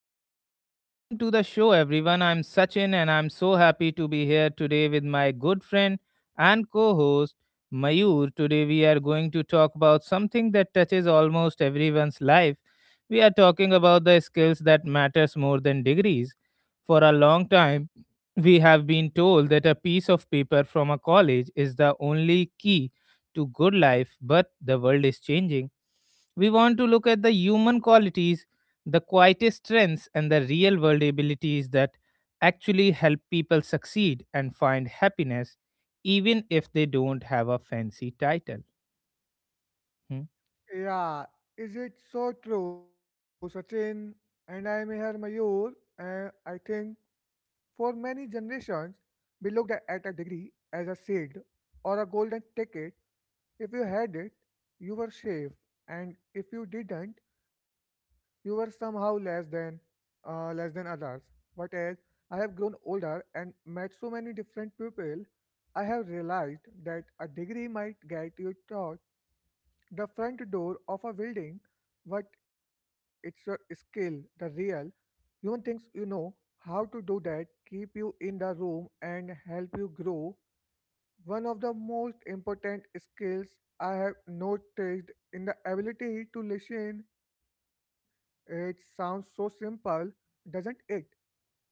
and welcome to the show, everyone. I'm Sachin and I'm so happy to be here today with my good friend and co host Mayur. Today, we are going to talk about something that touches almost everyone's life. We are talking about the skills that matters more than degrees. For a long time, we have been told that a piece of paper from a college is the only key to good life, but the world is changing. We want to look at the human qualities, the quietest strengths and the real world abilities that actually help people succeed and find happiness, even if they don't have a fancy title. Hmm? Yeah, is it so true, Sachin? And I am here, Mayur, and I think for many generations, we looked at a degree as a seed or a golden ticket. If you had it, you were safe, and if you didn't, you were somehow less than others. But as I have grown older and met so many different people, I have realized that a degree might get you taught the front door of a building, but it's a skill, the real human things you know how to do that keep you in the room and help you grow. One of the most important skills I have noticed in the ability to listen. It sounds so simple, doesn't it?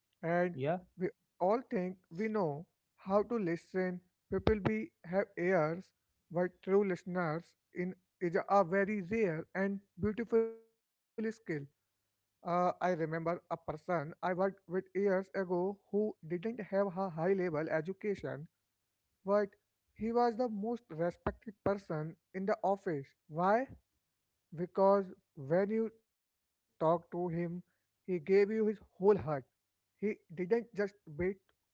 And Yeah. we all think we know how to listen. People be have ears, but true listeners in is a very rare and beautiful skill. I remember a person I worked with years ago who didn't have a high level education, but he was the most respected person in the office. Why? Because when you talked to him, he gave you his whole heart. He didn't just wait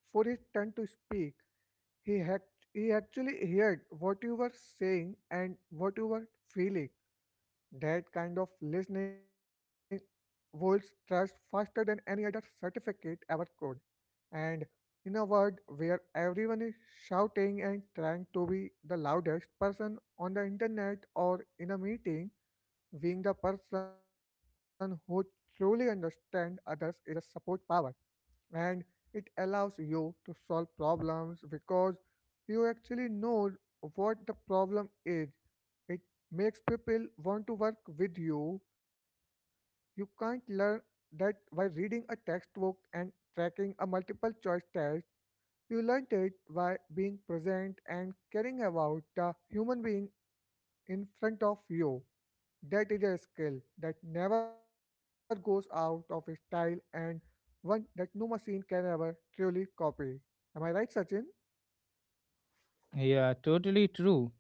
for his turn to speak. He had he actually heard what you were saying and what you were feeling. That kind of listening holds trust faster than any other certificate ever could. And in a world where everyone is shouting and trying to be the loudest person on the internet or in a meeting, being the person who truly understands others is a support power, and it allows you to solve problems because you actually know what the problem is. It makes people want to work with you. You can't learn that while reading a textbook and tracking a multiple choice test. You learned it by being present and caring about the human being in front of you. That is a skill that never goes out of style, and one that no machine can ever truly copy. Am I right, Sachin? Yeah, totally true.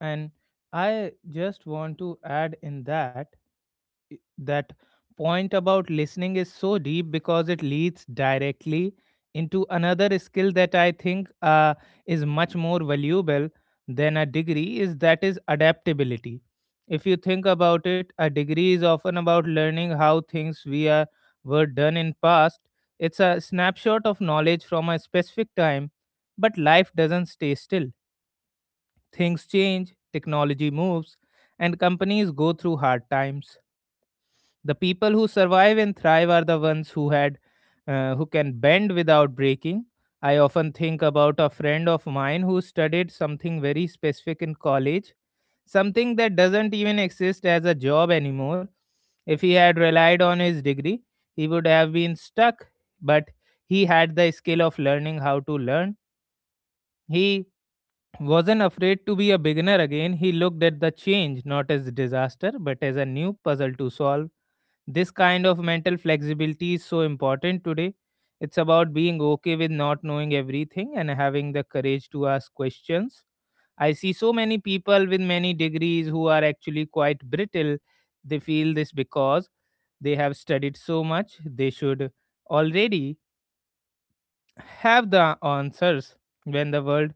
And I just want to add in that point about listening is so deep because it leads directly into another skill that I think is much more valuable than a degree, is that is adaptability. If you think about it, a degree is often about learning how things we are were done in past. It's a snapshot of knowledge from a specific time, but life doesn't stay still. Things change, technology moves, and companies go through hard times. The people who survive and thrive are the ones who had who can bend without breaking. I often think about a friend of mine who studied something very specific in college, something that doesn't even exist as a job anymore. If he had relied on his degree, he would have been stuck, but he had the skill of learning how to learn. He wasn't afraid to be a beginner again. He looked at the change not as disaster but as a new puzzle to solve. This kind of mental flexibility is so important today. It's about being okay with not knowing everything and having the courage to ask questions. I see so many people with many degrees who are actually quite brittle. They feel this because they have studied so much, they should already have the answers when the world,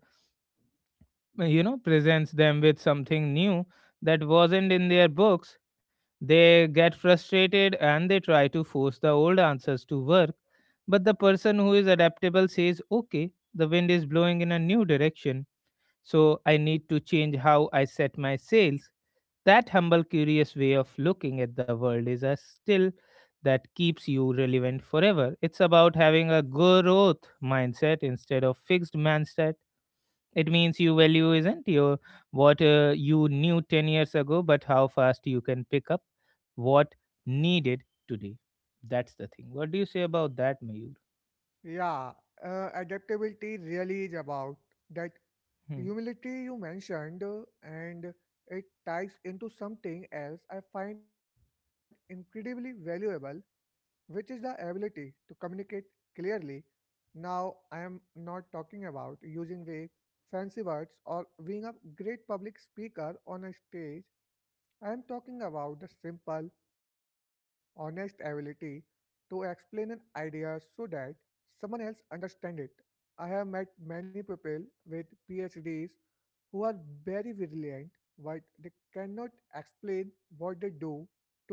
presents them with something new that wasn't in their books. They get frustrated and they try to force the old answers to work, but the person who is adaptable says, okay, the wind is blowing in a new direction, so I need to change how I set my sails. That humble, curious way of looking at the world is a still that keeps you relevant forever. It's about having a growth mindset instead of fixed mindset. It means you value isn't your what you knew 10 years ago, but how fast you can pick up what needed today. That's the thing. What do you say about that, Mayur? Yeah, adaptability really is about that Hmm. humility you mentioned, and it ties into something else I find incredibly valuable, which is the ability to communicate clearly. Now, I am not talking about using vague, fancy words or being a great public speaker on a stage. I am talking about the simple, honest ability to explain an idea so that someone else understands it. I have met many people with PhDs who are very brilliant, but they cannot explain what they do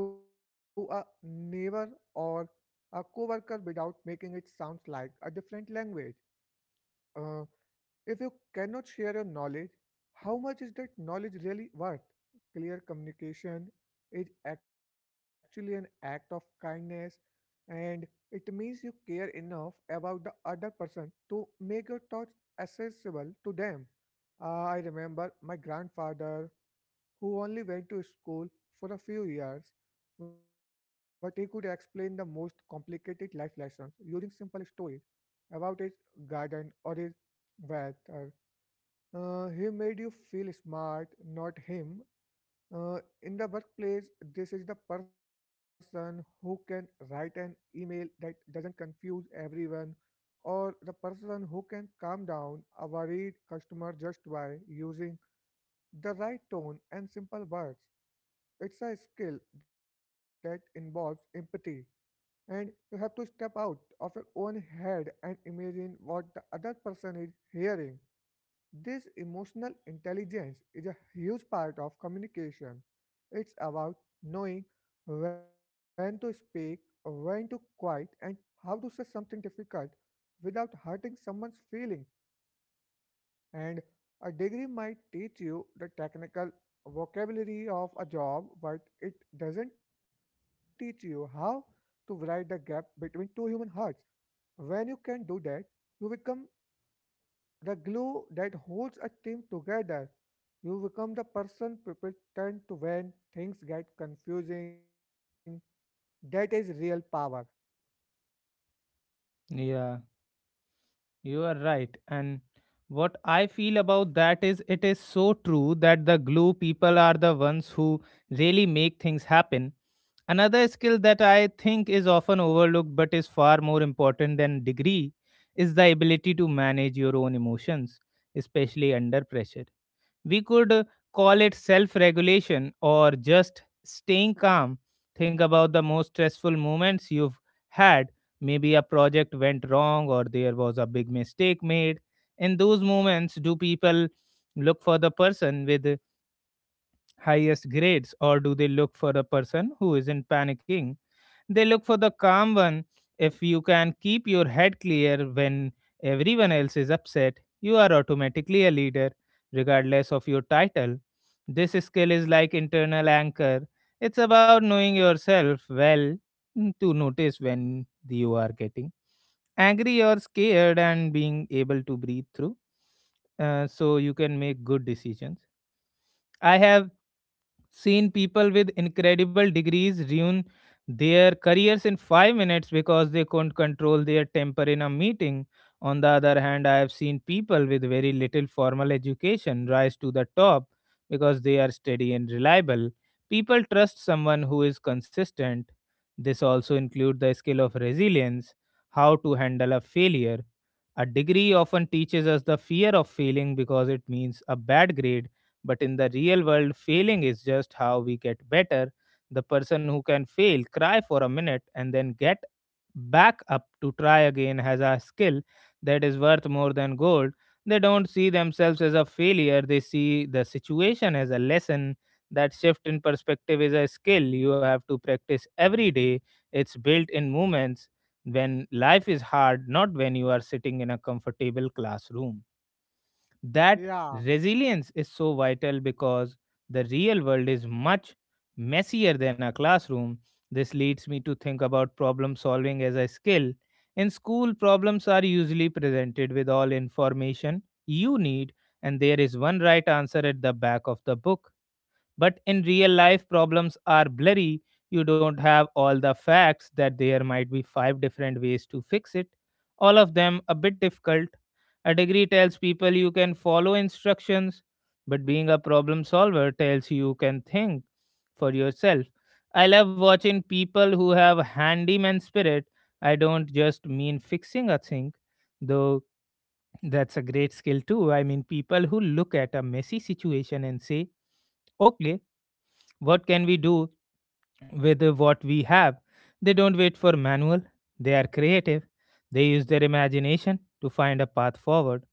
to a neighbor or a coworker without making it sound like a different language. Uh, if you cannot share your knowledge, how much is that knowledge really worth? Clear communication is actually an act of kindness, and it means you care enough about the other person to make your thoughts accessible to them. I remember my grandfather who only went to school for a few years, but he could explain the most complicated life lessons using simple stories about his garden or his wealth. He made you feel smart, not him. In the workplace, this is the person who can write an email that doesn't confuse everyone, or the person who can calm down a worried customer just by using the right tone and simple words. It's a skill that involves empathy, and you have to step out of your own head and imagine what the other person is hearing. This emotional intelligence is a huge part of communication. It's about knowing when to speak, when to quiet, and how to say something difficult without hurting someone's feelings. And a degree might teach you the technical vocabulary of a job, but it doesn't teach you how to write the gap between two human hearts. When you can do that, you become the glue that holds a team together. You become the person people turn to when things get confusing. That is real power. Yeah, you are right. And what I feel about that is it is so true that the glue people are the ones who really make things happen. Another skill that I think is often overlooked but is far more important than degree is the ability to manage your own emotions, especially under pressure. We could call it self regulation or just staying calm. Think about the most stressful moments you've had. Maybe a project went wrong or there was a big mistake made. In those moments, do people look for the person with the highest grades or do they look for the person who isn't panicking? They look for the calm one. If you can keep your head clear when everyone else is upset, you are automatically a leader, regardless of your title. This skill is like internal anchor. It's about knowing yourself well to notice when you are getting angry or scared and being able to breathe through, so you can make good decisions. I have seen people with incredible degrees ruin their careers in 5 minutes because they couldn't control their temper in a meeting. On the other hand, I have seen people with very little formal education rise to the top because they are steady and reliable. People trust someone who is consistent. This also includes the skill of resilience, how to handle a failure. A degree often teaches us the fear of failing because it means a bad grade, but in the real world, failing is just how we get better. The person who can fail, cry for a minute, and then get back up to try again has a skill that is worth more than gold. They don't see themselves as a failure, they see the situation as a lesson. That shift in perspective is a skill you have to practice every day. It's built in moments when life is hard, not when you are sitting in a comfortable classroom. That Yeah, resilience is so vital because the real world is much messier than a classroom. This leads me to think about problem solving as a skill. In school, problems are usually presented with all information you need, and there is one right answer at the back of the book, but in real life, problems are blurry. You don't have all the facts that there might be five different ways to fix it, all of them a bit difficult. A degree tells people you can follow instructions, but being a problem solver tells you you can think for yourself. I love watching people who have handyman spirit. I don't just mean fixing a thing, though that's a great skill too. I mean people who look at a messy situation and say, okay, what can we do with what we have? They don't wait for manual, they are creative. They use their imagination to find a path forward.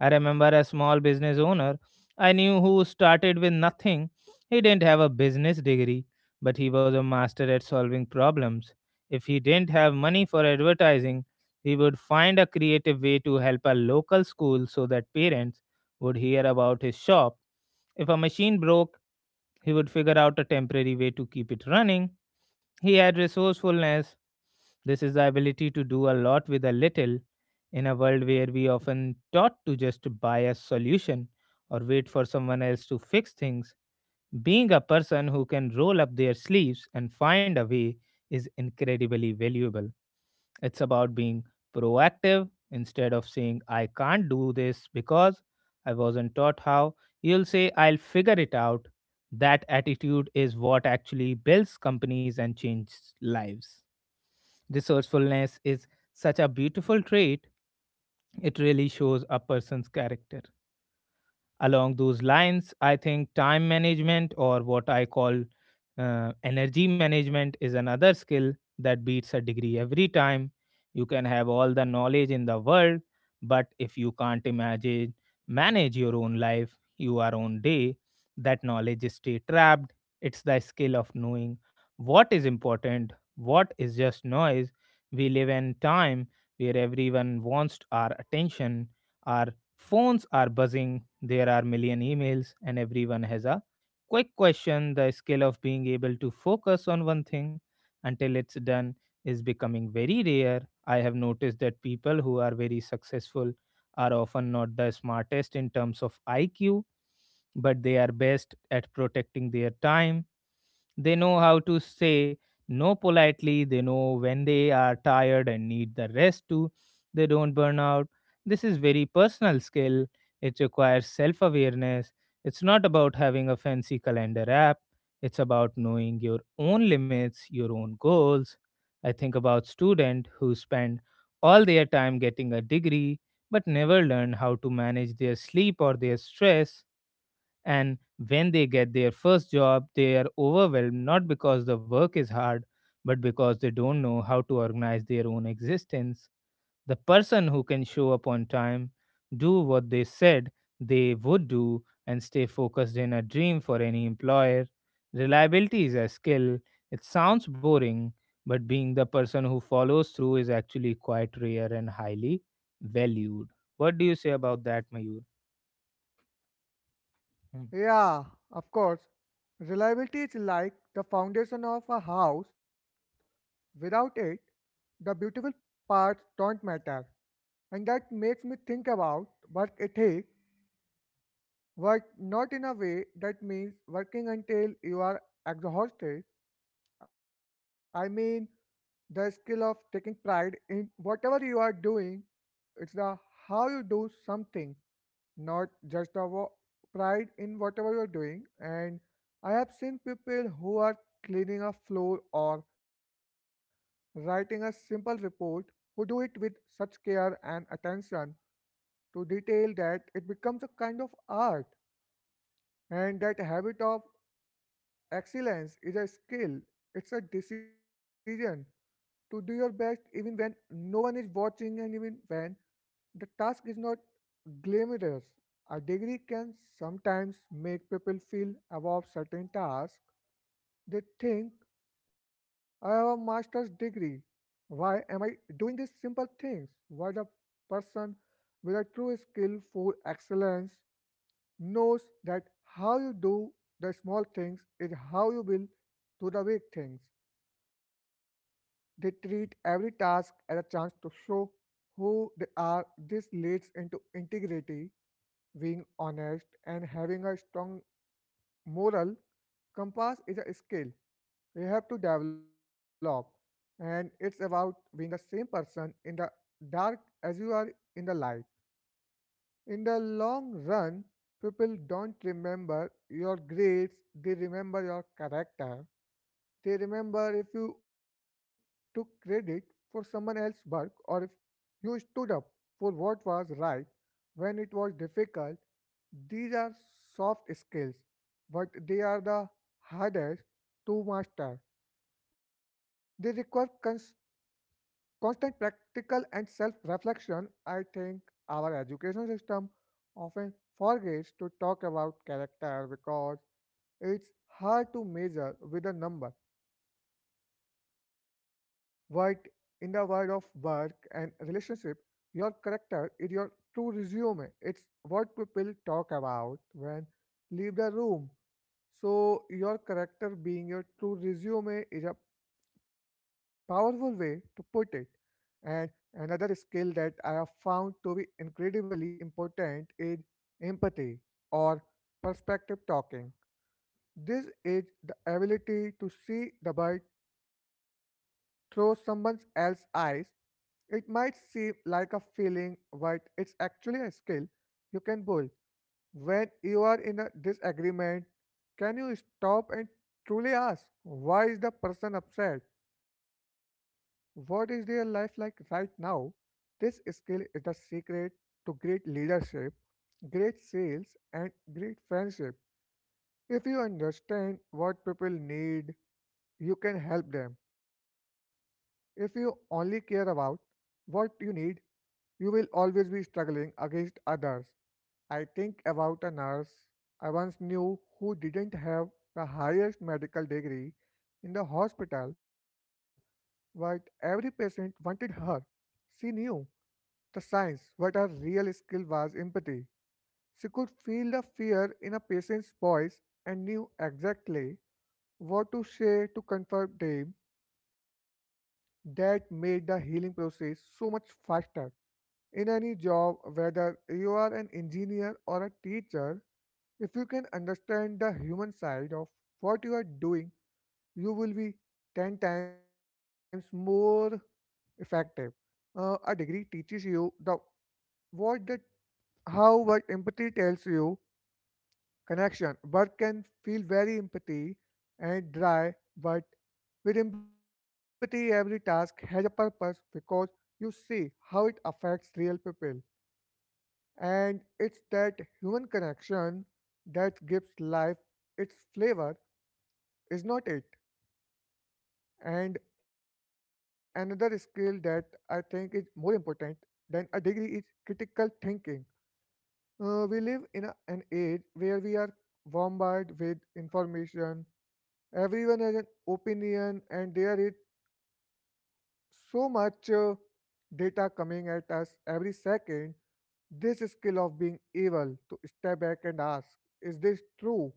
I remember a small business owner I knew who started with nothing. He didn't have a business degree, but he was a master at solving problems. If he didn't have money for advertising, he would find a creative way to help a local school so that parents would hear about his shop. If a machine broke, he would figure out a temporary way to keep it running. He had resourcefulness. This is the ability to do a lot with a little in a world where we often taught to just buy a solution or wait for someone else to fix things. Being a person who can roll up their sleeves and find a way is incredibly valuable. It's about being proactive instead of saying, I can't do this because I wasn't taught how. You'll say, I'll figure it out. That attitude is what actually builds companies and changes lives. Resourcefulness is such a beautiful trait, it really shows a person's character. Along those lines, I think time management, or what I call energy management, is another skill that beats a degree every time. You can have all the knowledge in the world, but if you can't imagine, manage your own life, your own day, that knowledge is stay trapped. It's the skill of knowing what is important, what is just noise. We live in time where everyone wants our attention, our phones are buzzing, there are million emails, and everyone has a quick question. The skill of being able to focus on one thing until it's done is becoming very rare. I have noticed that people who are very successful are often not the smartest in terms of IQ, but they are best at protecting their time. They know how to say no politely, they know when they are tired and need the rest too. They don't burn out. This is very personal skill, it requires self awareness. It's not about having a fancy calendar app, it's about knowing your own limits, your own goals. I think about students who spend all their time getting a degree but never learn how to manage their sleep or their stress. And when they get their first job, they are overwhelmed not because the work is hard, but because they don't know how to organize their own existence. The person who can show up on time, do what they said they would do, and stay focused in a dream for any employer. Reliability is a skill. It sounds boring, but being the person who follows through is actually quite rare and highly valued. What do you say about that, Mayur? Hmm. yeah, of course. Reliability is like the foundation of a house. Without it, the beautiful parts don't matter. And that makes me think about work ethic. Work not in a way that means working until you are exhausted. I mean, the skill of taking pride in whatever you are doing. It's the how you do something, not just the pride in whatever you're doing. And I have seen people who are cleaning a floor or writing a simple report who do it with such care and attention to detail that it becomes a kind of art. And that habit of excellence is a skill. It's a decision to do your best even when no one is watching and even when the task is not glamorous. A degree can sometimes make people feel above certain tasks. They think, I have a master's degree. Why am I doing these simple things? What a person with a true skill for excellence knows that how you do the small things is how you will do the big things. They treat every task as a chance to show who they are. This leads into integrity, being honest, and having a strong moral compass is a skill we have to develop, and it's about being the same person in the dark as you are in the light. In the long run, people don't remember your grades, they remember your character. They remember if you took credit for someone else's work, or if you stood up for what was right when it was difficult. These are soft skills, but they are the hardest to master. They require constant practical and self reflection. I think our education system often forgets to talk about character because it's hard to measure with a number. But in the world of work and relationship, your character is your true resume. It's what people talk about when leave the room. So your character being your true resume is a powerful way to put it. And another skill that I have found to be incredibly important is empathy or perspective talking. This is the ability to see the bird through someone else's eyes. It might seem like a feeling, but it's actually a skill you can build. When you are in a disagreement, can you stop and truly ask why is the person upset? What is their life like right now? This skill is the secret to great leadership, great sales, and great friendship. If you understand what people need, you can help them. If you only care about what you need, you will always be struggling against others. I think about a nurse I once knew who didn't have the highest medical degree in the hospital, but every patient wanted her. She knew the science, but her real skill was empathy. She could feel the fear in a patient's voice and knew exactly what to say to comfort them. That made the healing process so much faster. In any job, whether you are an engineer or a teacher, if you can understand the human side of what you are doing, you will be 10 times more effective. A degree teaches you the what, that how, what empathy tells you connection. Work can feel very empty and dry, but with empathy, every task has a purpose because you see how it affects real people. And it's that human connection that gives life its flavor, is not it? And another skill that I think is more important than a degree is critical thinking. We live in an age where we are bombarded with information. Everyone has an opinion, and there is so much data coming at us every second. This skill of being able to step back and ask, is this true,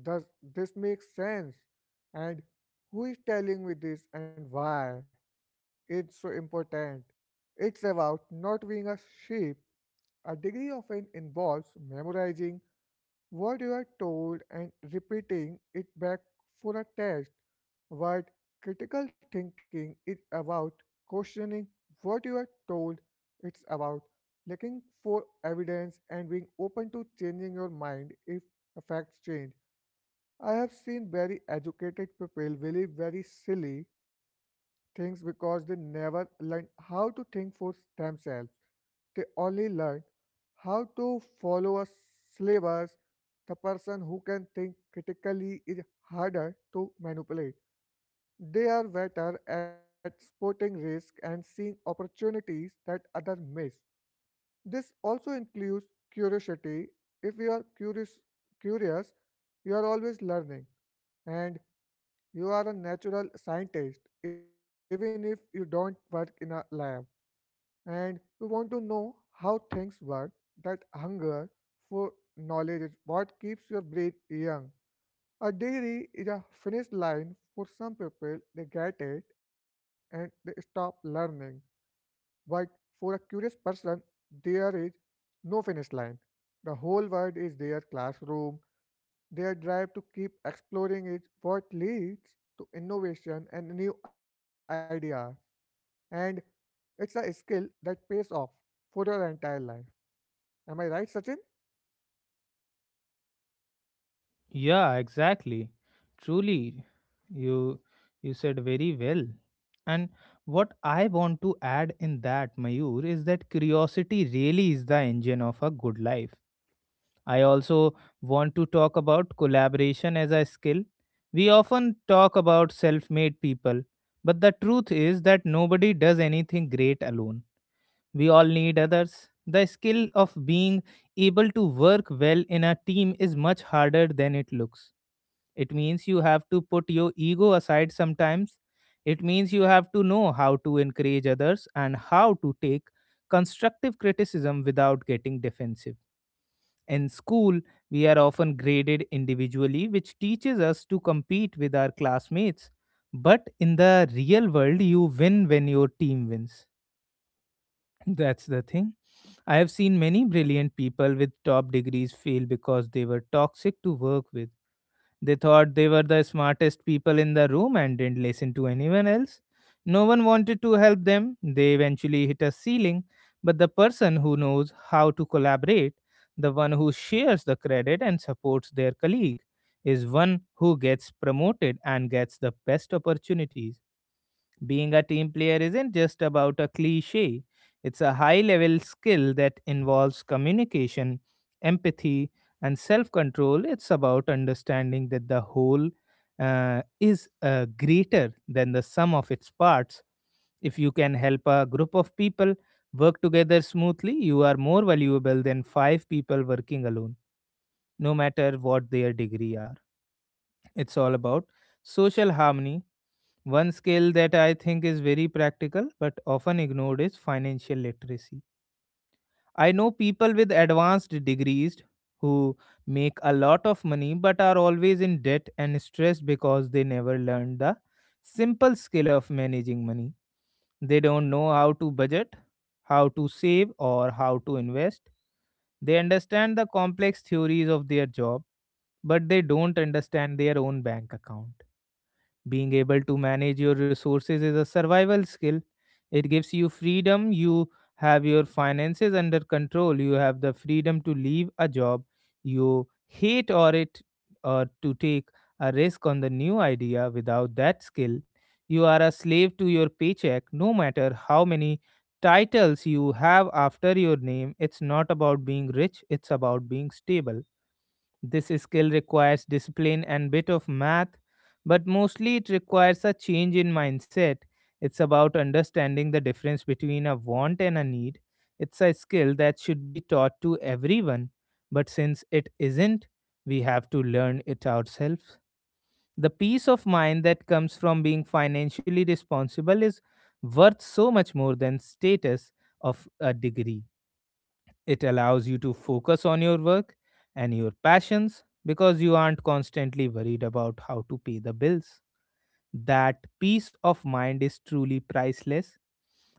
does this make sense, and who is telling me this and why, it's so important. It's about not being a sheep. A degree often involves memorizing what you are told and repeating it back for a test. What critical thinking is about, questioning what you are told, it's about looking for evidence and being open to changing your mind if the facts change. I have seen very educated people believe very silly things because they never learn how to think for themselves. They only learn how to follow a syllabus. The person who can think critically is harder to manipulate. They are better at spotting risk and seeing opportunities that others miss. This also includes curiosity. If you are curious, you are always learning, and you are a natural scientist, even if you don't work in a lab, and we want to know how things work. That hunger for knowledge is what keeps your brain young. A dairy is a finish line for some people, they get it and they stop learning. But for a curious person, there is no finish line. The whole world is their classroom. Their drive to keep exploring is what leads to innovation and new ideas. And it's a skill that pays off for your entire life. Am I right, Sachin? Yeah, exactly. Truly, you you said very well. And what I want to add in that, Mayur, is that curiosity really is the engine of a good life. I also want to talk about collaboration as a skill. We often talk about self made people, but the truth is that nobody does anything great alone. We all need others. The skill of being able to work well in a team is much harder than it looks. It means you have to put your ego aside sometimes. It means you have to know how to encourage others and how to take constructive criticism without getting defensive. In school we are often graded individually, which teaches us to compete with our classmates, but in the real world you win when your team wins. That's the thing. I have seen many brilliant people with top degrees fail because they were toxic to work with. They thought they were the smartest people in the room and didn't listen to anyone else. No one wanted to help them. They eventually hit a ceiling, but the person who knows how to collaborate, the one who shares the credit and supports their colleague, is one who gets promoted and gets the best opportunities. Being a team player isn't just about a cliche, it's a high level skill that involves communication, empathy, and self control. It's about understanding that the whole is greater than the sum of its parts. If you can help a group of people work together smoothly, you are more valuable than five people working alone, no matter what their degree are. It's all about social harmony. One skill that I think is very practical but often ignored is financial literacy. I know people with advanced degrees who make a lot of money but are always in debt and stressed because they never learned the simple skill of managing money. They don't know how to budget, how to save, or how to invest. They understand the complex theories of their job, but they don't understand their own bank account. Being able to manage your resources is a survival skill. It gives you freedom. You have your finances under control. You have the freedom to leave a job you hate, or it, or to take a risk on the new idea. Without that skill, you are a slave to your paycheck, no matter how many titles you have after your name. It's not about being rich, it's about being stable. This skill requires discipline and bit of math, but mostly it requires a change in mindset. It's about understanding the difference between a want and a need. It's a skill that should be taught to everyone, but since it isn't, we have to learn it ourselves. The peace of mind that comes from being financially responsible is worth so much more than status of a degree. It allows you to focus on your work and your passions because you aren't constantly worried about how to pay the bills. That peace of mind is truly priceless.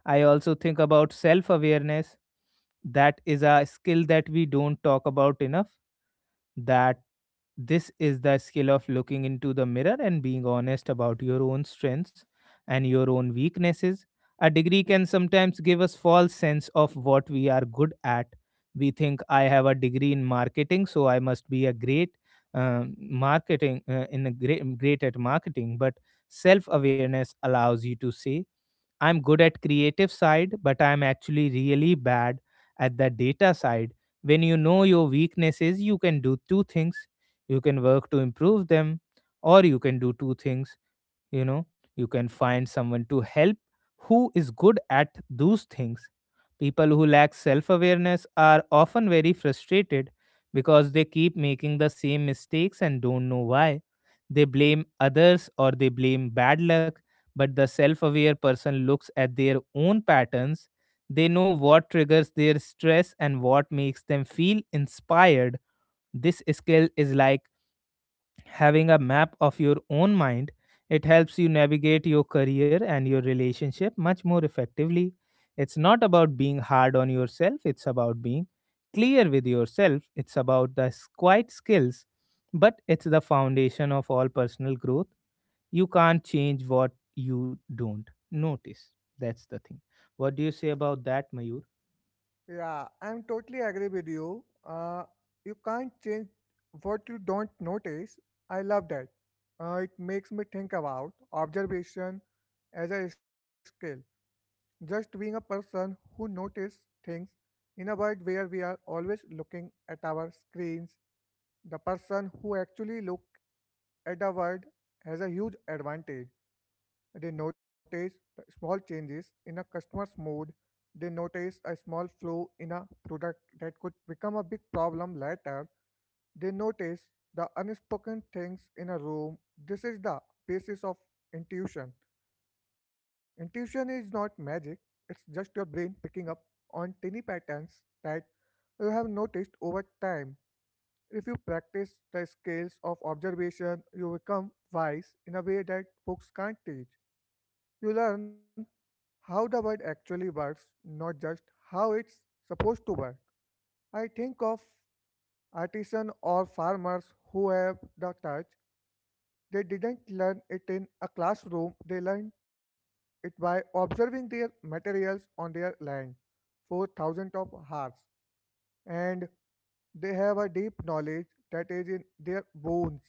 I also think about self awareness. That is a skill that we don't talk about enough. That This is the skill of looking into the mirror and being honest about your own strengths and your own weaknesses. A degree can sometimes give us false sense of what we are good at. We think I have a degree in marketing, so I must be a great marketing in a great great at marketing. But self awareness allows you to say I'm good at creative side, but I'm actually really bad at the data side. When you know your weaknesses, you can do two things. You can work to improve them, or you can do two things you know, you can find someone to help who is good at those things. People who lack self awareness are often very frustrated because they keep making the same mistakes and don't know why. They blame others or they blame bad luck, but the self aware person looks at their own patterns. They know what triggers their stress and what makes them feel inspired. This skill is like having a map of your own mind. It helps you navigate your career and your relationship much more effectively. It's not about being hard on yourself, it's about being clear with yourself. It's about the quiet skills, but it's the foundation of all personal growth. You can't change what you don't notice. That's the thing. What do you say about that, Mayur? Yeah, I'm totally agree with you. You can't change what you don't notice. I love that. It makes me think about observation as a skill. Just being a person who notice things in a world where we are always looking at our screens, the person who actually look at the world has a huge advantage. They notice small changes in a customer's mood. They notice a small flaw in a product that could become a big problem later. They notice the unspoken things in a room. This is the basis of intuition. Intuition is not magic, it's just your brain picking up on tiny patterns that you have noticed over time. If you practice the skills of observation, you become wise in a way that books can't teach. You learn how the bird actually works, not just how it's supposed to work. I think of artisans or farmers who have the touch. They didn't learn it in a classroom, they learned it by observing their materials on their land for thousands of hours. And they have a deep knowledge that is in their bones.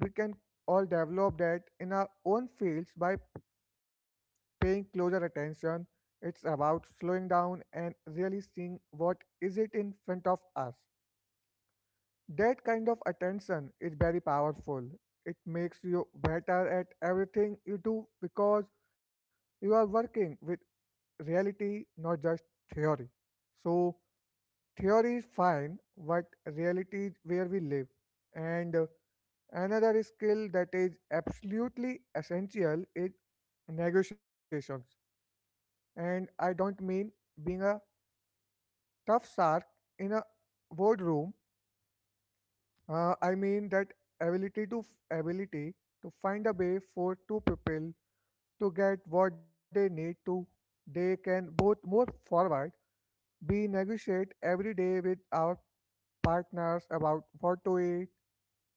We can all develop that in our own fields by paying closer attention. It's about slowing down and really seeing what is it in front of us. That kind of attention is very powerful. It makes you better at everything you do because you are working with reality, not just theory. So, theory is fine, but reality is where we live. And another skill that is absolutely essential is negotiations, and I don't mean being a tough shark in a boardroom. I mean that ability to ability to find a way for two people to get what they need to. They can both move forward. We negotiate every day with our partners about what to eat,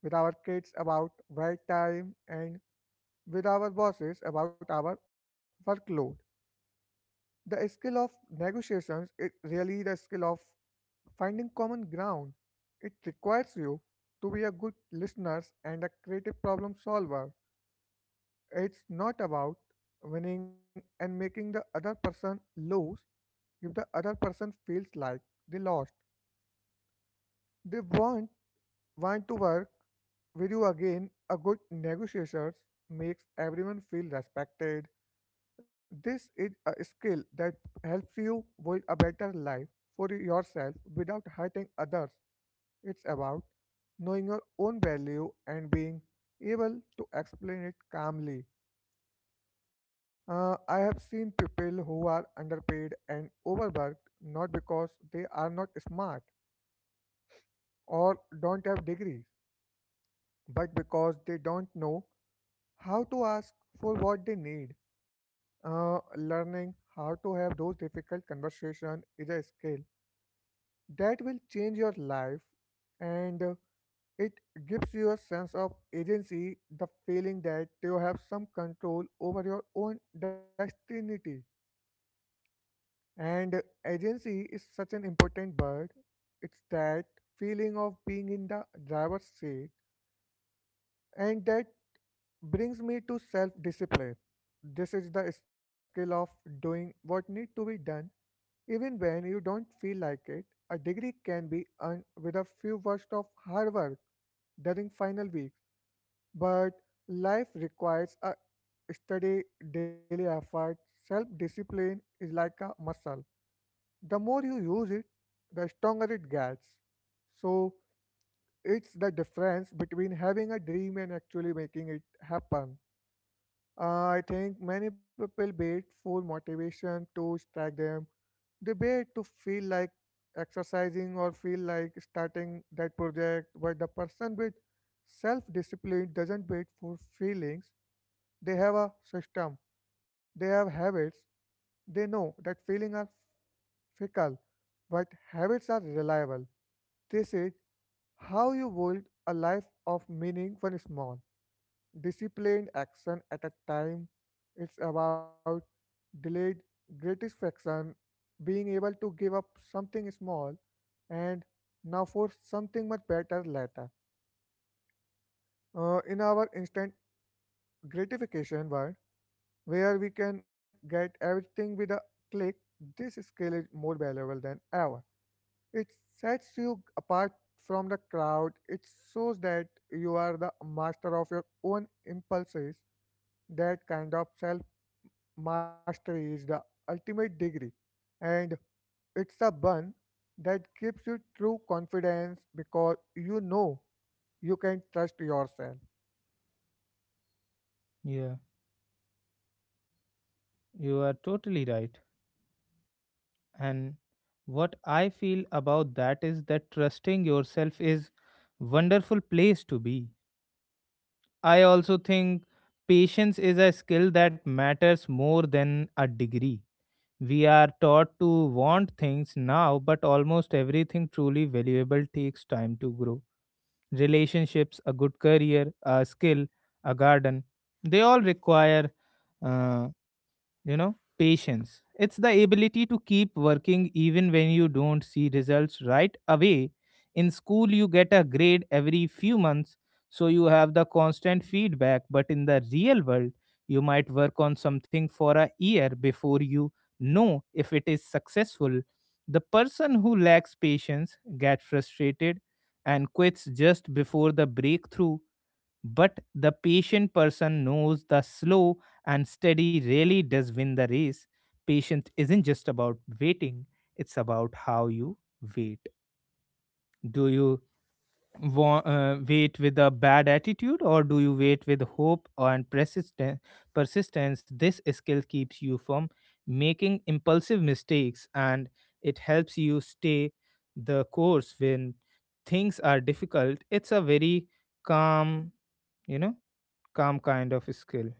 with our kids about wait time, and with our bosses about our workload. The skill of negotiations is really the skill of finding common ground. It requires you to be a good listener and a creative problem solver. It's not about winning and making the other person lose. If the other person feels like they lost, they won't want to work with you again. A good negotiator makes everyone feel respected. This is a skill that helps you build a better life for yourself without hurting others. It's about knowing your own value and being able to explain it calmly. I have seen people who are underpaid and overworked not because they are not smart or don't have degrees, but because they don't know how to ask for what they need. Learning how to have those difficult conversations is a skill that will change your life, and it gives you a sense of agency, the feeling that you have some control over your own destiny. And agency is such an important word. It's that feeling of being in the driver's seat, and that brings me to self discipline. This is the skill of doing what need to be done even when you don't feel like it. A degree can be earned with a few words of hard work during final weeks. But life requires a steady daily effort. Self discipline is like a muscle. The more you use it, the stronger it gets. So it's the difference between having a dream and actually making it happen. I think many people wait for motivation to strike them. They wait to feel like exercising or feel like starting that project, but the person with self-discipline doesn't wait for feelings. They have a system, they have habits. They know that feelings are fickle, but habits are reliable. This is how you build a life of meaning, when small disciplined action at a time. It's about delayed gratification, being able to give up something small and now for something much better later. In our instant gratification world, where we can get everything with a click, this skill is more valuable than ever. It sets you apart from the crowd. It shows that you are the master of your own impulses. That kind of self mastery is the ultimate degree, and it's the one that gives you true confidence because you know you can trust yourself. Yeah, you are totally right. And what I feel about that is that trusting yourself is wonderful place to be. I also think patience is a skill that matters more than a degree. We are taught to want things now, but almost everything truly valuable takes time to grow. Relationships, a good career, a skill, a garden, they all require uh, you know, patience. It's the ability to keep working even when you don't see results right away. In school you get a grade every few months, so you have the constant feedback, but in the real world you might work on something for a year before you know if it is successful. The person who lacks patience get frustrated and quits just before the breakthrough, but the patient person knows the slow and steady really does win the race. Patience isn't just about waiting, it's about how you wait. Do you wait with a bad attitude, or do you wait with hope and persistence? This skill keeps you from making impulsive mistakes and it helps you stay the course when things are difficult. It's a very calm, you know, calm kind of skill.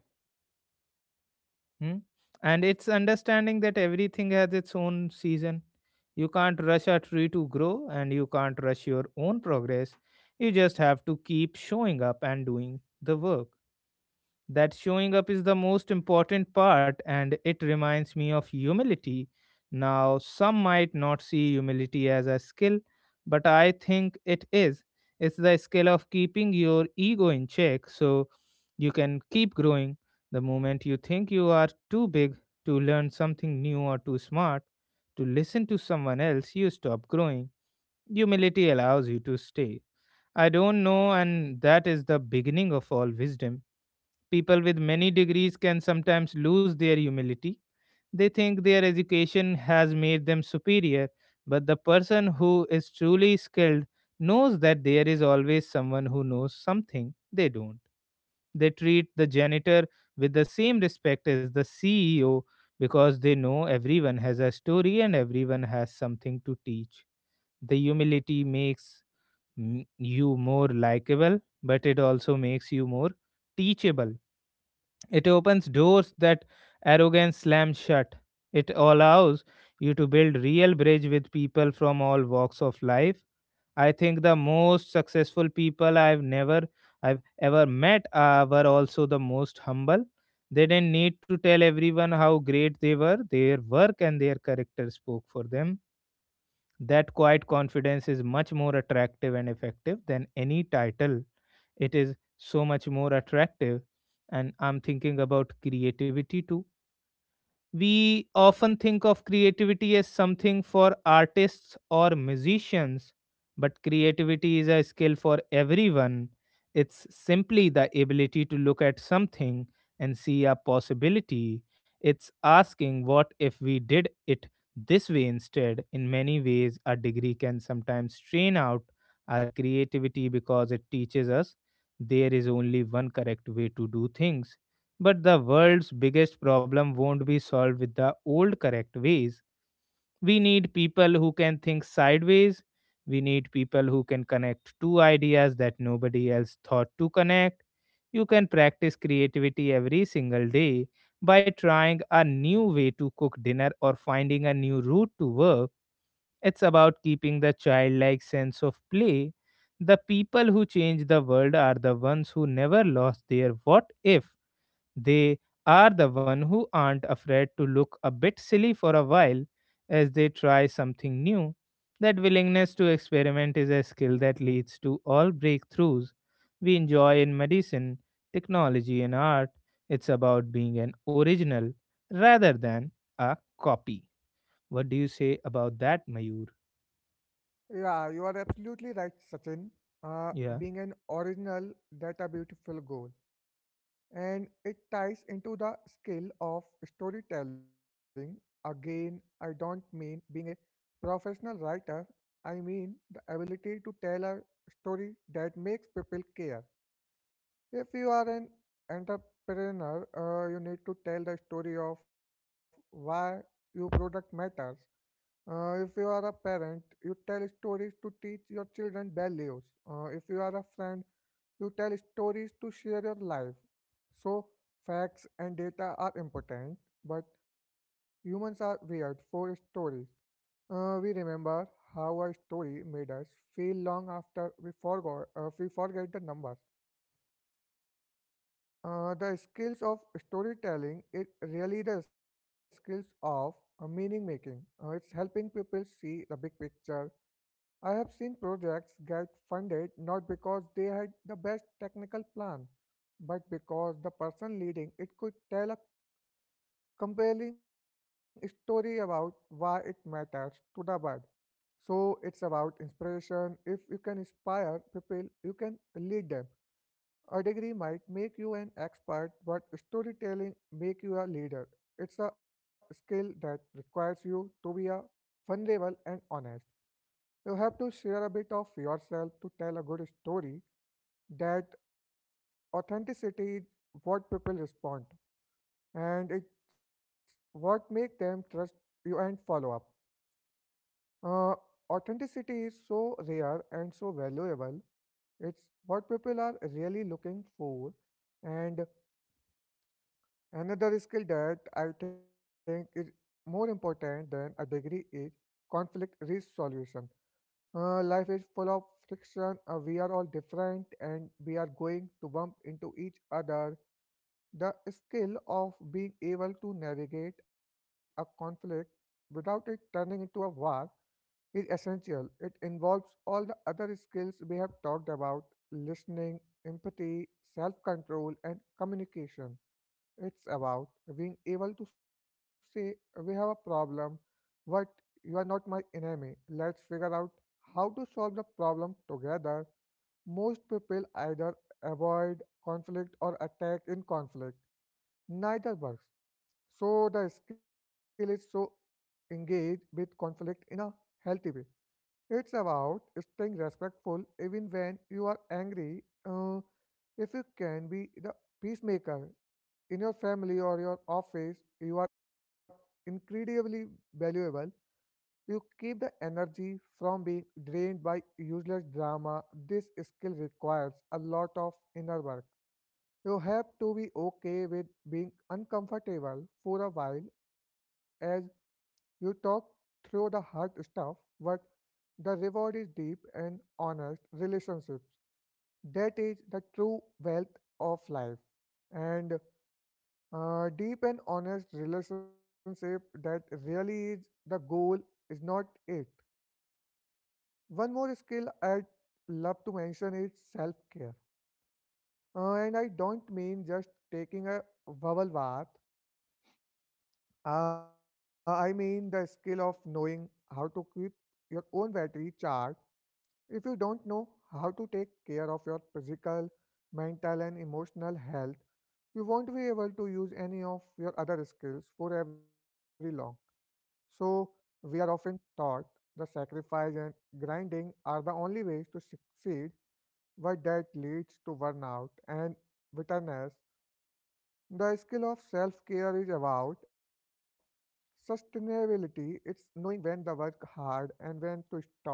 Hmm? And it's understanding that everything has its own season. You can't rush a tree to grow and you can't rush your own progress. You just have to keep showing up and doing the work. That showing up is the most important part, and it reminds me of humility. Now, some might not see humility as a skill, but I think it is. It's the skill of keeping your ego in check so you can keep growing. The moment you think you are too big to learn something new or too smart to listen to someone else, you stop growing. Humility allows you to stay. I don't know, and that is the beginning of all wisdom. People with many degrees can sometimes lose their humility. They think their education has made them superior, but the person who is truly skilled knows that there is always someone who knows something they don't. They treat the janitor with the same respect as the CEO because they know everyone has a story and everyone has something to teach. The humility makes you more likable, but it also makes you more teachable. It opens doors that arrogance slams shut. It allows you to build real bridge with people from all walks of life. I think the most successful people I've never I've ever met were also the most humble. They didn't need to tell everyone how great they were. Their work and their character spoke for them. That quiet confidence is much more attractive and effective than any title. It is so much more attractive. And I'm thinking about creativity too. We often think of creativity as something for artists or musicians, but creativity is a skill for everyone. It's simply the ability to look at something and see a possibility. It's asking, what if we did it this way instead? In many ways, a degree can sometimes strain out our creativity because it teaches us there is only one correct way to do things, but the world's biggest problem won't be solved with the old correct ways. We need people who can think sideways. We need people who can connect two ideas that nobody else thought to connect. You can practice creativity every single day by trying a new way to cook dinner or finding a new route to work. It's about keeping the childlike sense of play. The people who change the world are the ones who never lost their what if. They are the one who aren't afraid to look a bit silly for a while as they try something new. That willingness to experiment is a skill that leads to all breakthroughs we enjoy in medicine, technology, and art. It's about being an original rather than a copy. What do you say about that, Mayur? Yeah, you are absolutely right, Sachin. Uh, Yeah. being an original, that's a beautiful goal. And it ties into the skill of storytelling. Again, I don't mean being a professional writer, I mean the ability to tell a story that makes people care. If you are an entrepreneur, you need to tell the story of why your product matters. If you are a parent, you tell stories to teach your children values. If you are a friend, you tell stories to share your life. So, facts and data are important, but humans are weird for stories. We remember how a story made us feel long after we forget the numbers. The skills of storytelling it really the skills of meaning making. It's helping people see the big picture. I have seen projects get funded not because they had the best technical plan, but because the person leading it could tell a compelling story about why it matters to the world. So it's about inspiration. If you can inspire people, you can lead them. A degree might make you an expert, but storytelling make you a leader. It's a skill that requires you to be a vulnerable and honest. You have to share a bit of yourself to tell a good story. That authenticity is what people respond, and it's what make them trust you and follow up. Uh, authenticity is so rare and so valuable. It's what people are really looking for, and another skill that I think is more important than a degree is conflict resolution. Life is full of friction. We are all different and we are going to bump into each other. The skill of being able to navigate a conflict without it turning into a war is essential. It involves all the other skills we have talked about: listening, empathy, self control, and communication. It's about being able to say, "We have a problem, but you are not my enemy. Let's figure out how to solve the problem together." Most people either avoid conflict or attack in conflict. Neither works. So the skill is so engage with conflict in a healthy way. It's about staying respectful even when you are angry. If you can be the peacemaker in your family or your office, you are incredibly valuable. You keep the energy from being drained by useless drama. This skill requires a lot of inner work. You have to be okay with being uncomfortable for a while as you talk through the hard stuff, but the reward is deep and honest relationships. That is the true wealth of life. And deep and honest relationship that really is the goal, is not it? One more skill I'd love to mention is self care. And I don't mean just taking a bubble bath, I mean the skill of knowing how to keep your own battery charged. If you don't know how to take care of your physical, mental, and emotional health, you won't be able to use any of your other skills for very long. So, we are often taught the sacrifice and grinding are the only ways to succeed, but that leads to burnout and bitterness. The skill of self care is about sustainability. It's knowing when to work hard and when to stop.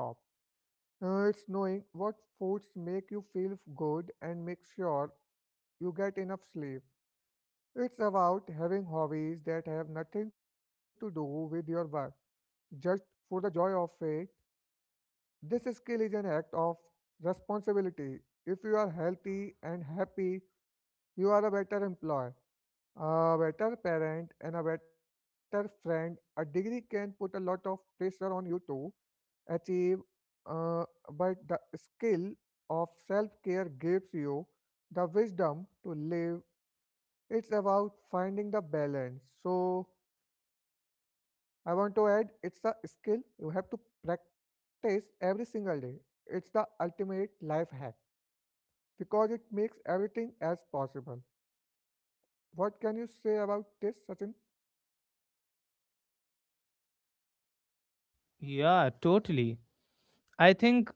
It's knowing what foods make you feel good and make sure you get enough sleep. It's about having hobbies that have nothing to do with your work, just for the joy of it. This skill is an act of responsibility. If you are healthy and happy, you are a better employee, a better parent, and a better friend. A degree can put a lot of pressure on you to achieve, uh, but the skill of self care gives you the wisdom to live. It's about finding the balance. So, I want to add it's a skill you have to practice every single day. It's the ultimate life hack because it makes everything as possible. What can you say about this, Sachin? Yeah, totally. I think,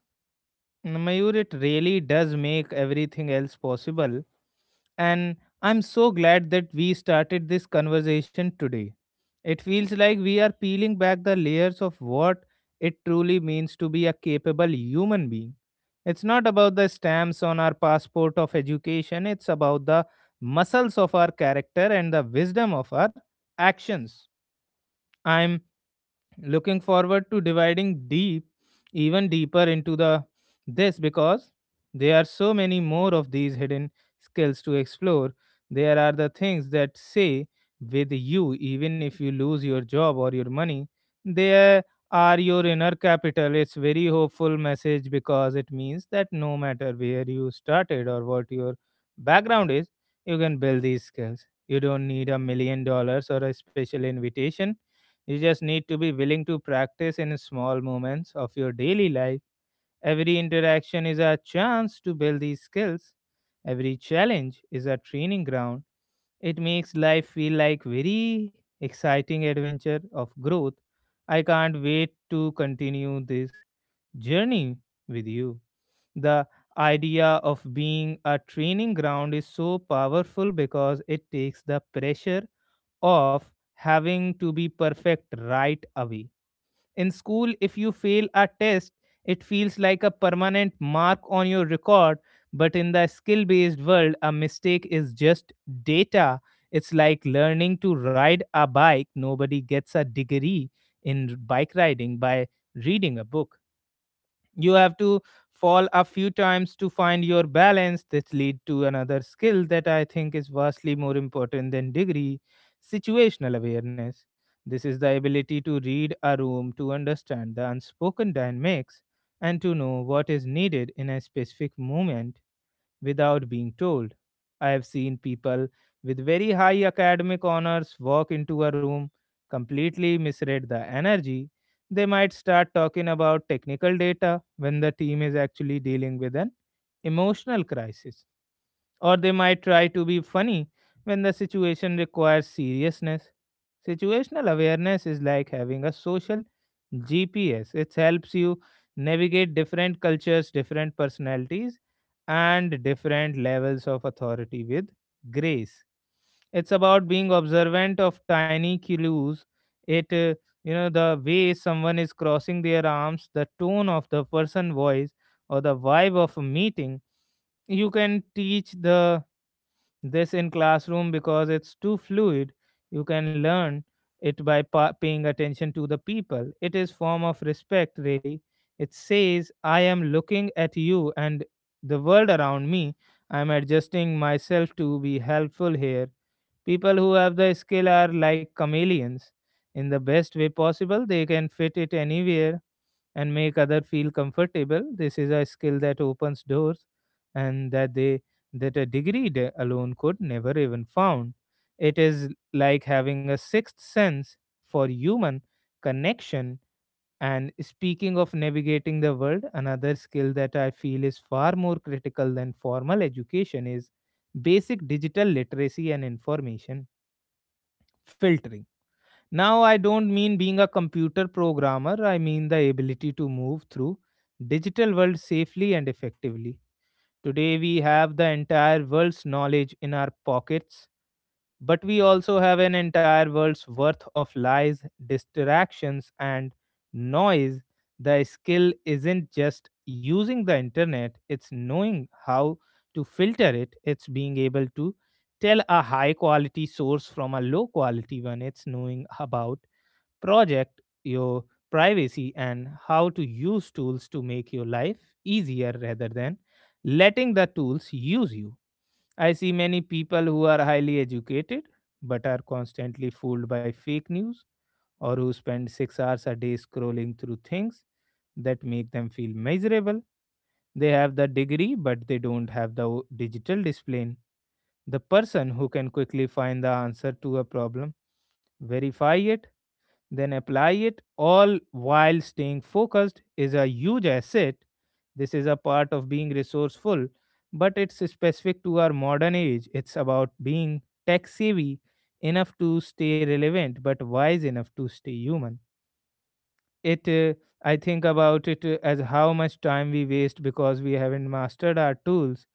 Mm, Mayur, it really does make everything else possible. And I'm so glad that we started this conversation today. It feels like we are peeling back the layers of what it truly means to be a capable human being. It's not about the stamps on our passport of education, it's about the muscles of our character and the wisdom of our actions. I'm looking forward to dividing deep, even deeper, into the this, because there are so many more of these hidden skills to explore. There are the things that say with you even if you lose your job or your money. There are your inner capital. It's very hopeful message, because it means that no matter where you started or what your background is, you can build these skills. You don't need $1 million or a special invitation. You just need to be willing to practice in small moments of your daily life. Every interaction is a chance to build these skills. Every challenge is a training ground. It makes life feel like very exciting adventure of growth. I can't wait to continue this journey with you. The idea of being a training ground is so powerful because it takes the pressure of having to be perfect right away. In school, if you fail a test, it feels like a permanent mark on your record. But in the skill based world, a mistake is just data. It's like learning to ride a bike. Nobody gets a degree in bike riding by reading a book. You have to fall a few times to find your balance. This lead to another skill that I think is vastly more important than degree: situational awareness. This is the ability to read a room, to understand the unspoken dynamics, and to know what is needed in a specific moment without being told. I have seen people with very high academic honors walk into a room, completely misread the energy. They might start talking about technical data when the team is actually dealing with an emotional crisis, or they might try to be funny when the situation requires seriousness. Situational awareness is like having a social GPS. It helps you navigate different cultures, different personalities, and different levels of authority with grace. It's about being observant of tiny clues. It, uh, the way someone is crossing their arms, the tone of the person voice, or the vibe of a meeting. You can teach the this in classroom because it's too fluid. You can learn it by paying attention to the people. It is form of respect, really. It says I am looking at you and the world around me, I am adjusting myself to be helpful here. People who have the skill are like chameleons in the best way possible. They can fit it anywhere and make other feel comfortable. This is a skill that opens doors, and that a degree alone could never even found. It is like having a sixth sense for human connection. And speaking of navigating the world, another skill that I feel is far more critical than formal education is basic digital literacy and information filtering. Now, I don't mean being a computer programmer, I mean the ability to move through digital world safely and effectively. Today we have the entire world's knowledge in our pockets, but we also have an entire world's worth of lies, distractions and noise. The skill isn't just using the internet, it's knowing how to filter it, it's being able to tell a high quality source from a low quality one, it's knowing about project, your privacy, and how to use tools to make your life easier rather than letting the tools use you. I see many people who are highly educated but are constantly fooled by fake news or who spend 6 hours a day scrolling through things that make them feel miserable. They have the degree, but they don't have the digital discipline. The person who can quickly find the answer to a problem, verify it, then apply it all while staying focused is a huge asset. This is a part of being resourceful, but it's specific to our modern age. It's about being tech savvy enough to stay relevant, but wise enough to stay human. It, uh, I think about it as how much time we waste because we haven't mastered our tools.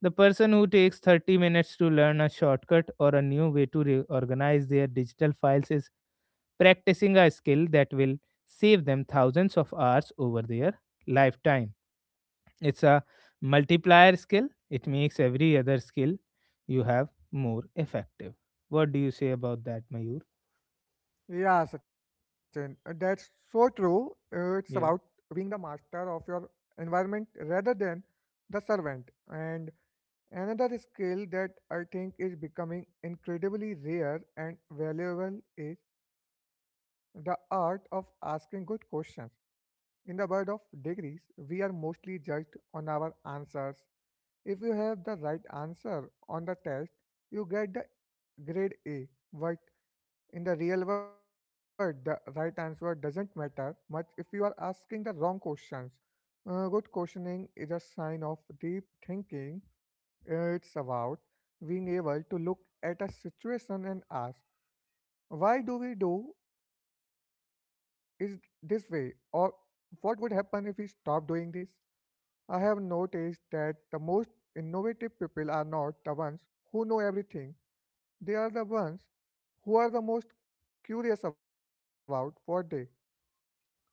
The person who takes 30 minutes to learn a shortcut or a new way to reorganize their digital files is practicing a skill that will save them thousands of hours over their lifetime. It's a multiplier skill, it makes every other skill you have more effective. What do you say about that, Mayur? Yeah, Sachin, that's so true. It's about Yeah, being the master of your environment rather than the servant. And another skill that I think is becoming incredibly rare and valuable is the art of asking good questions. In the world of degrees, we are mostly judged on our answers. If you have the right answer on the test, you get the grade A. But in the real world, the right answer doesn't matter much if you are asking the wrong questions. Good questioning is a sign of deep thinking. It's about being able to look at a situation and ask, why do we do is this way, or what would happen if we stop doing this? I have noticed that the most innovative people are not the ones who know everything. They are the ones who are the most curious about what they don't know.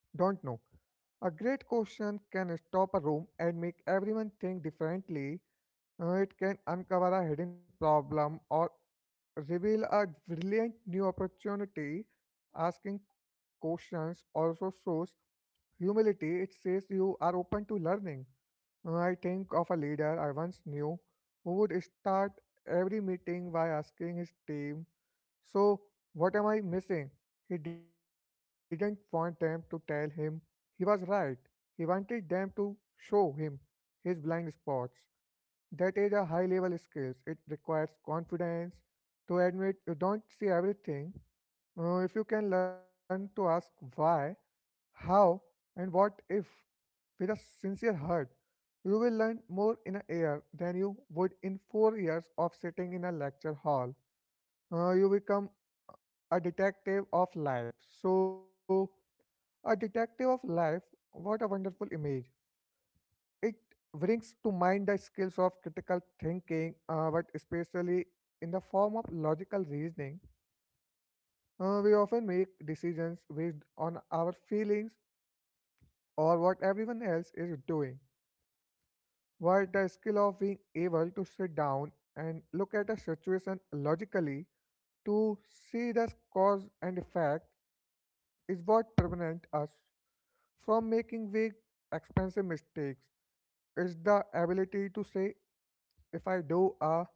A great question can stop a room and make everyone think differently. It can uncover a hidden problem or reveal a brilliant new opportunity. Asking questions also shows humility. It says you are open to learning. I think of a leader I once knew who would start every meeting by asking his team, "So, what am I missing?" He didn't want them to tell him he was right. He wanted them to show him his blind spots. That is a high level skill. It requires confidence to admit you don't see everything. If you can learn to ask why, how, and what if, with a sincere heart, you will learn more in a year than you would in 4 years of sitting in a lecture hall. You become a detective of life. So, a detective of life, what a wonderful image. It brings to mind the skills of critical thinking, but especially in the form of logical reasoning. We often make decisions based on our feelings or what everyone else is doing. But the skill of being able to sit down and look at a situation logically to see the cause and effect is what prevents us from making big, expensive mistakes. It's the ability to say, if I do A,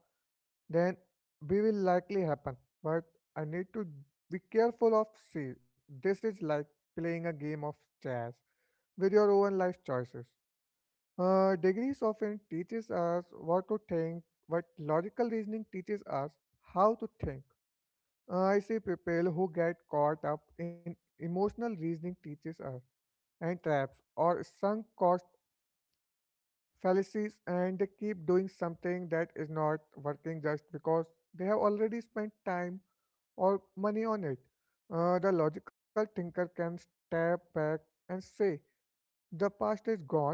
then B will likely happen. But I need to be careful of C. This is like playing a game of chess with your own life choices. Degrees often teaches us what to think, but logical reasoning teaches us how to think. I see people who get caught up in emotional reasoning teaches us and traps or sunk cost fallacies, and they keep doing something that is not working just because they have already spent time or money on it. The logical thinker can step back and say, "The past is gone.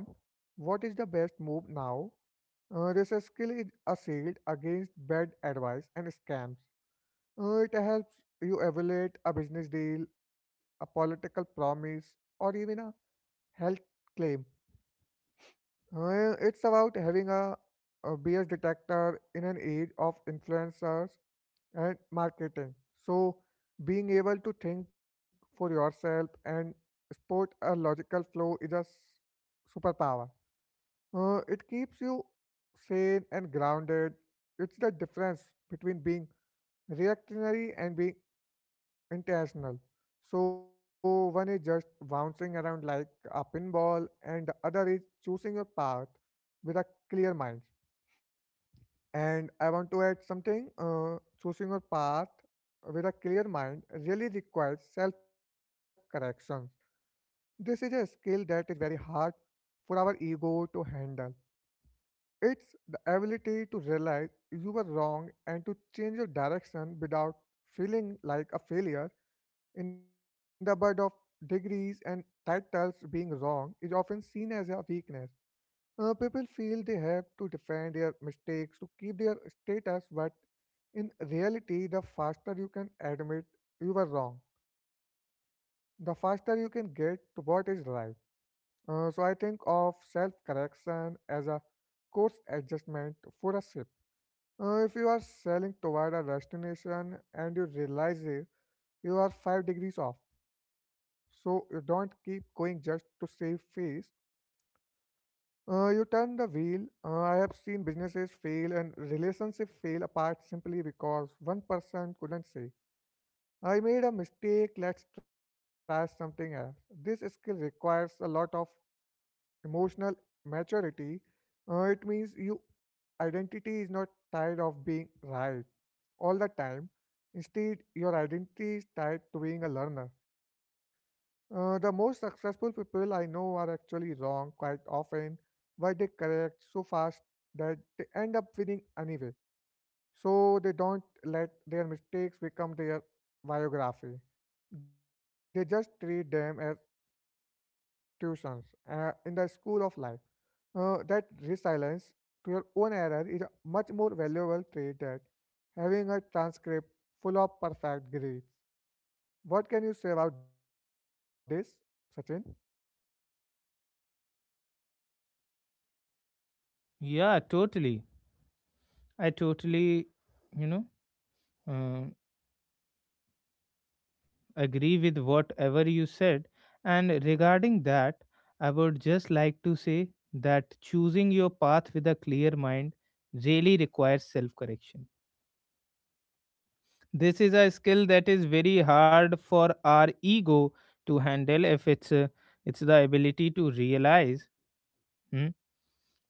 What is the best move now?" This skill is assailed against bad advice and scams. It helps you evaluate a business deal, a political promise, or even a health claim. It's about having a B S detector in an age of influencers and marketing. So, being able to think for yourself and spot a logical flow is a superpower. It keeps you sane and grounded. It's the difference between being reactionary and being intentional. So, one is just bouncing around like a pinball, and the other is choosing your path with a clear mind. And I want to add something. Choosing your path with a clear mind really requires self correction. This is a skill that is very hard for our ego to handle. It's the ability to realize you were wrong and to change your direction without feeling like a failure. In the bud of degrees and titles, being wrong is often seen as a weakness. People feel they have to defend their mistakes to keep their status, but in reality, the faster you can admit you were wrong, the faster you can get to what is right. So I think of self correction as a course adjustment for a ship. If you are sailing toward a destination and you realize it, you are 5 degrees off. So you don't keep going just to save face. You turn the wheel. I have seen businesses fail and relationships fail apart simply because one person couldn't say, "I made a mistake, let's try something else." This skill requires a lot of emotional maturity. It means your identity is not tied of being right all the time. Instead, your identity is tied to being a learner. The most successful people I know are actually wrong quite often, but they correct so fast that they end up winning anyway. So they don't let their mistakes become their biography. They just treat them as tuitions in the school of life. That resilience to your own error is a much more valuable trait than having a transcript full of perfect grades. What can you say about this, Sachin? yeah, totally. I you know, uh, agree with whatever you said. And regarding that, I would just like to say that choosing your path with a clear mind really requires self correction. This is a skill that is very hard for our ego to handle. If it's It's the ability to hmm,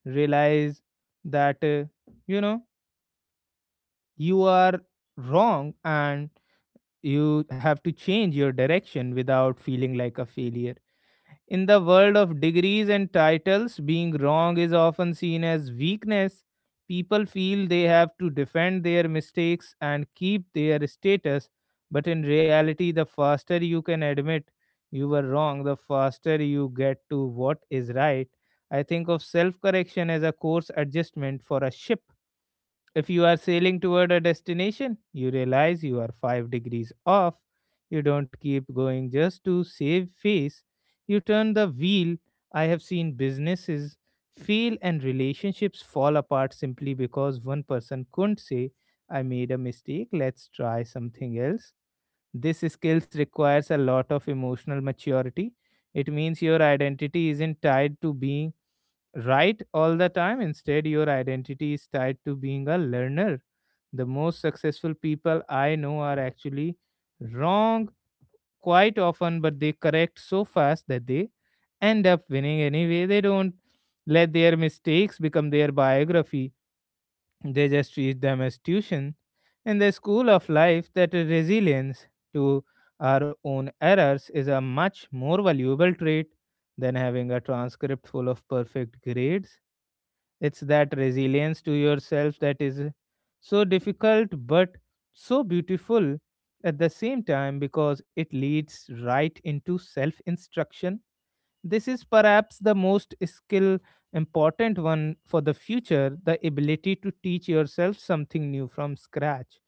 realize that you know you are wrong and you have to change your direction without feeling like a failure. In the world of degrees and titles, being wrong is often seen as weakness. People feel they have to defend their mistakes and keep their status, but in reality, the faster you can admit you were wrong, the faster you get to what is right. I think of self correction as a course adjustment for a ship. If you are sailing toward a destination, you realize you are 5 degrees off. You don't keep going just to save face. You turn the wheel. I have seen businesses fail and relationships fall apart simply because one person couldn't say, I made a mistake, let's try something else. This skills requires a lot of emotional maturity. It means your identity isn't tied to being right all the time. Instead, your identity is tied to being a learner. The most successful people I know are actually wrong quite often, but they correct so fast that they end up winning anyway. They don't let their mistakes become their biography. They just treat them as tuition. In the school of life, that resilience to our own errors is a much more valuable trait than having a transcript full of perfect grades. It's that resilience to yourself that is so difficult but so beautiful at the same time, because it leads right into self instruction. This is perhaps the most skill important one for the future: the ability to teach yourself something new from scratch.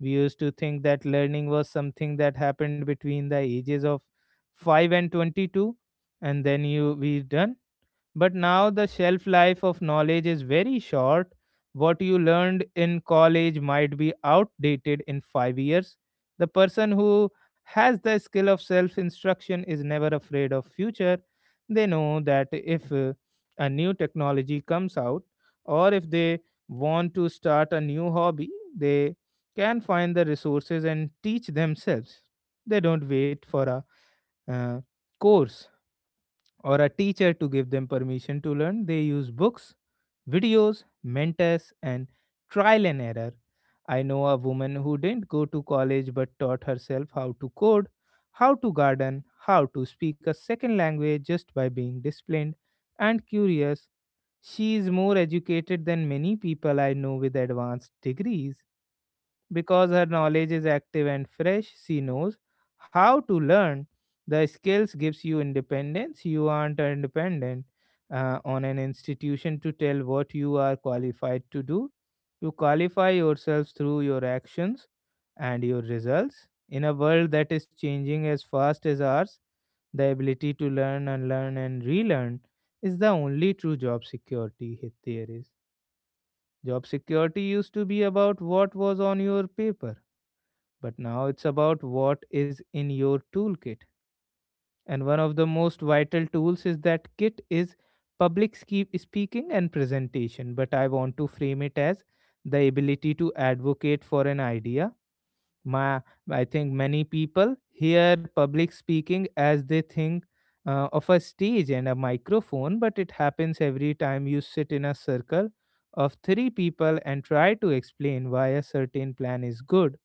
We used to think that learning was something that happened between the ages of 5 and 22, and then you we done. But now the shelf life of knowledge is very short. What you learned in college might be outdated in 5 years. The person who has the skill of self instruction is never afraid of future. They know that if a new technology comes out or if they want to start a new hobby, they can find the resources and teach themselves. They don't wait for a uh, course or a teacher to give them permission to learn. They use books, videos, mentors, and trial and error. I know a woman who didn't go to college but taught herself how to code, how to garden, how to speak a second language just by being disciplined and curious. She is more educated than many people I know with advanced degrees. Because her knowledge is active and fresh, she knows how to learn. The skills gives you independence. You aren't independent on an institution to tell what you are qualified to do. You qualify yourselves through your actions and your results. In a world that is changing as fast as ours, the ability to learn, unlearn, and relearn is the only true job security hit there is. Job security used to be about what was on your paper. But now it's about what is in your toolkit. And one of the most vital tools is that kit is public speaking and presentation. But I want to frame it as the ability to advocate for an idea. My, I think many people hear public speaking as they think of a stage and a microphone, but it happens every time you sit in a circle of three people and try to explain why a certain plan is good.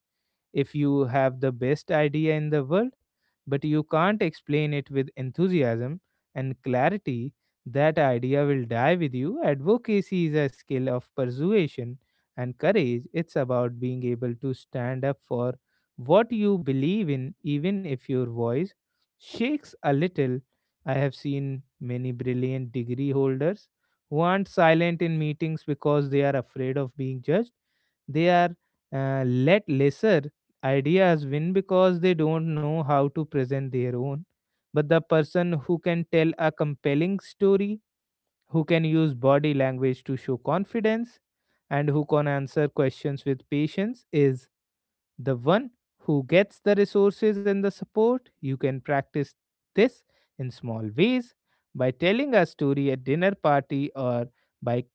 If you have the best idea in the world, but you can't explain it with enthusiasm and clarity, that idea will die with you. Advocacy is a skill of persuasion and courage. It's about being able to stand up for what you believe in, even if your voice shakes a little. I have seen many brilliant degree holders who aren't silent in meetings because they are afraid of being judged. They are let lesser ideas win because they don't know how to present their own. But the person who can tell a compelling story, who can use body language to show confidence, and who can answer questions with patience is the one who gets the resources and the support. You can practice this in small ways by telling a story at dinner party or by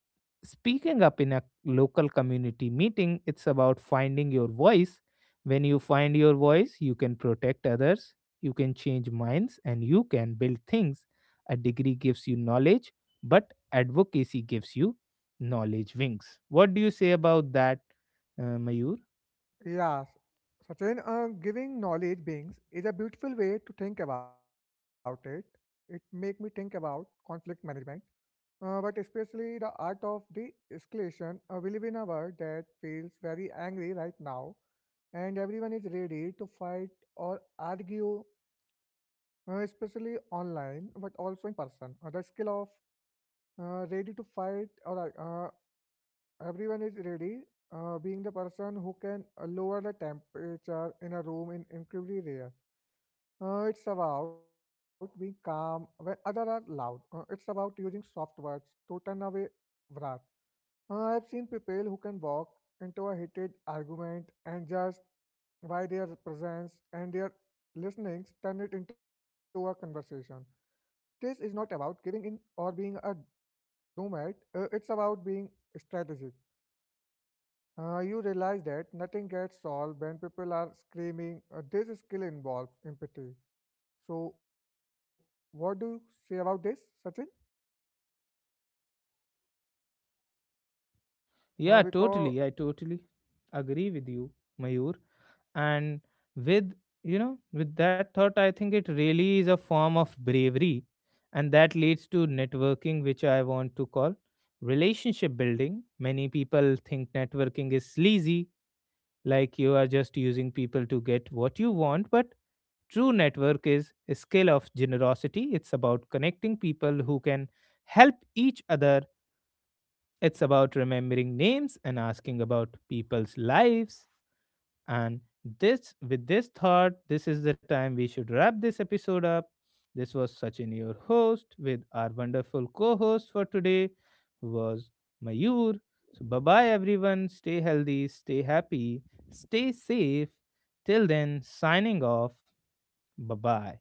speaking up in a local community meeting. It's about finding your voice. When you find your voice, you can protect others, you can change minds, and you can build things. A degree gives you knowledge, but advocacy gives you knowledge wings. What do you say about that, Mayur? Yes, Sachin, giving knowledge beings is a beautiful way to think about it. It make me think about conflict management, but especially the art of de-escalation. We live in a world that feels very angry right now, and everyone is ready to fight or argue, especially online, but also in person. The skill of ready to fight, or uh, everyone is ready, being the person who can lower the temperature in a room in incredibly rare. It's about being calm when others are loud. It's about using soft words to turn away wrath. I've seen people who can walk into a heated argument and just by their presence and their listenings turn it into a conversation. This is not about giving in or being a nomad. It's about being strategic. You realize that nothing gets solved when people are screaming. This skill involves empathy. So, what do you say about this, Sachin? Yeah, totally. I Uh, totally because agree with you, Mayur. And with with that thought, I think it really is a form of bravery, and that leads to networking, which I want to call relationship building. Many people think networking is sleazy, like you are just using people to get what you want, but true network is a skill of generosity. It's about connecting people who can help each other. It's about remembering names and asking about people's lives. And with this thought, this is the time we should wrap this episode up. This was Sachin, your host, with our wonderful co host for today, who was Mayur. So, bye bye, everyone. Stay healthy, stay happy, stay safe. Till then, signing off. Bye bye.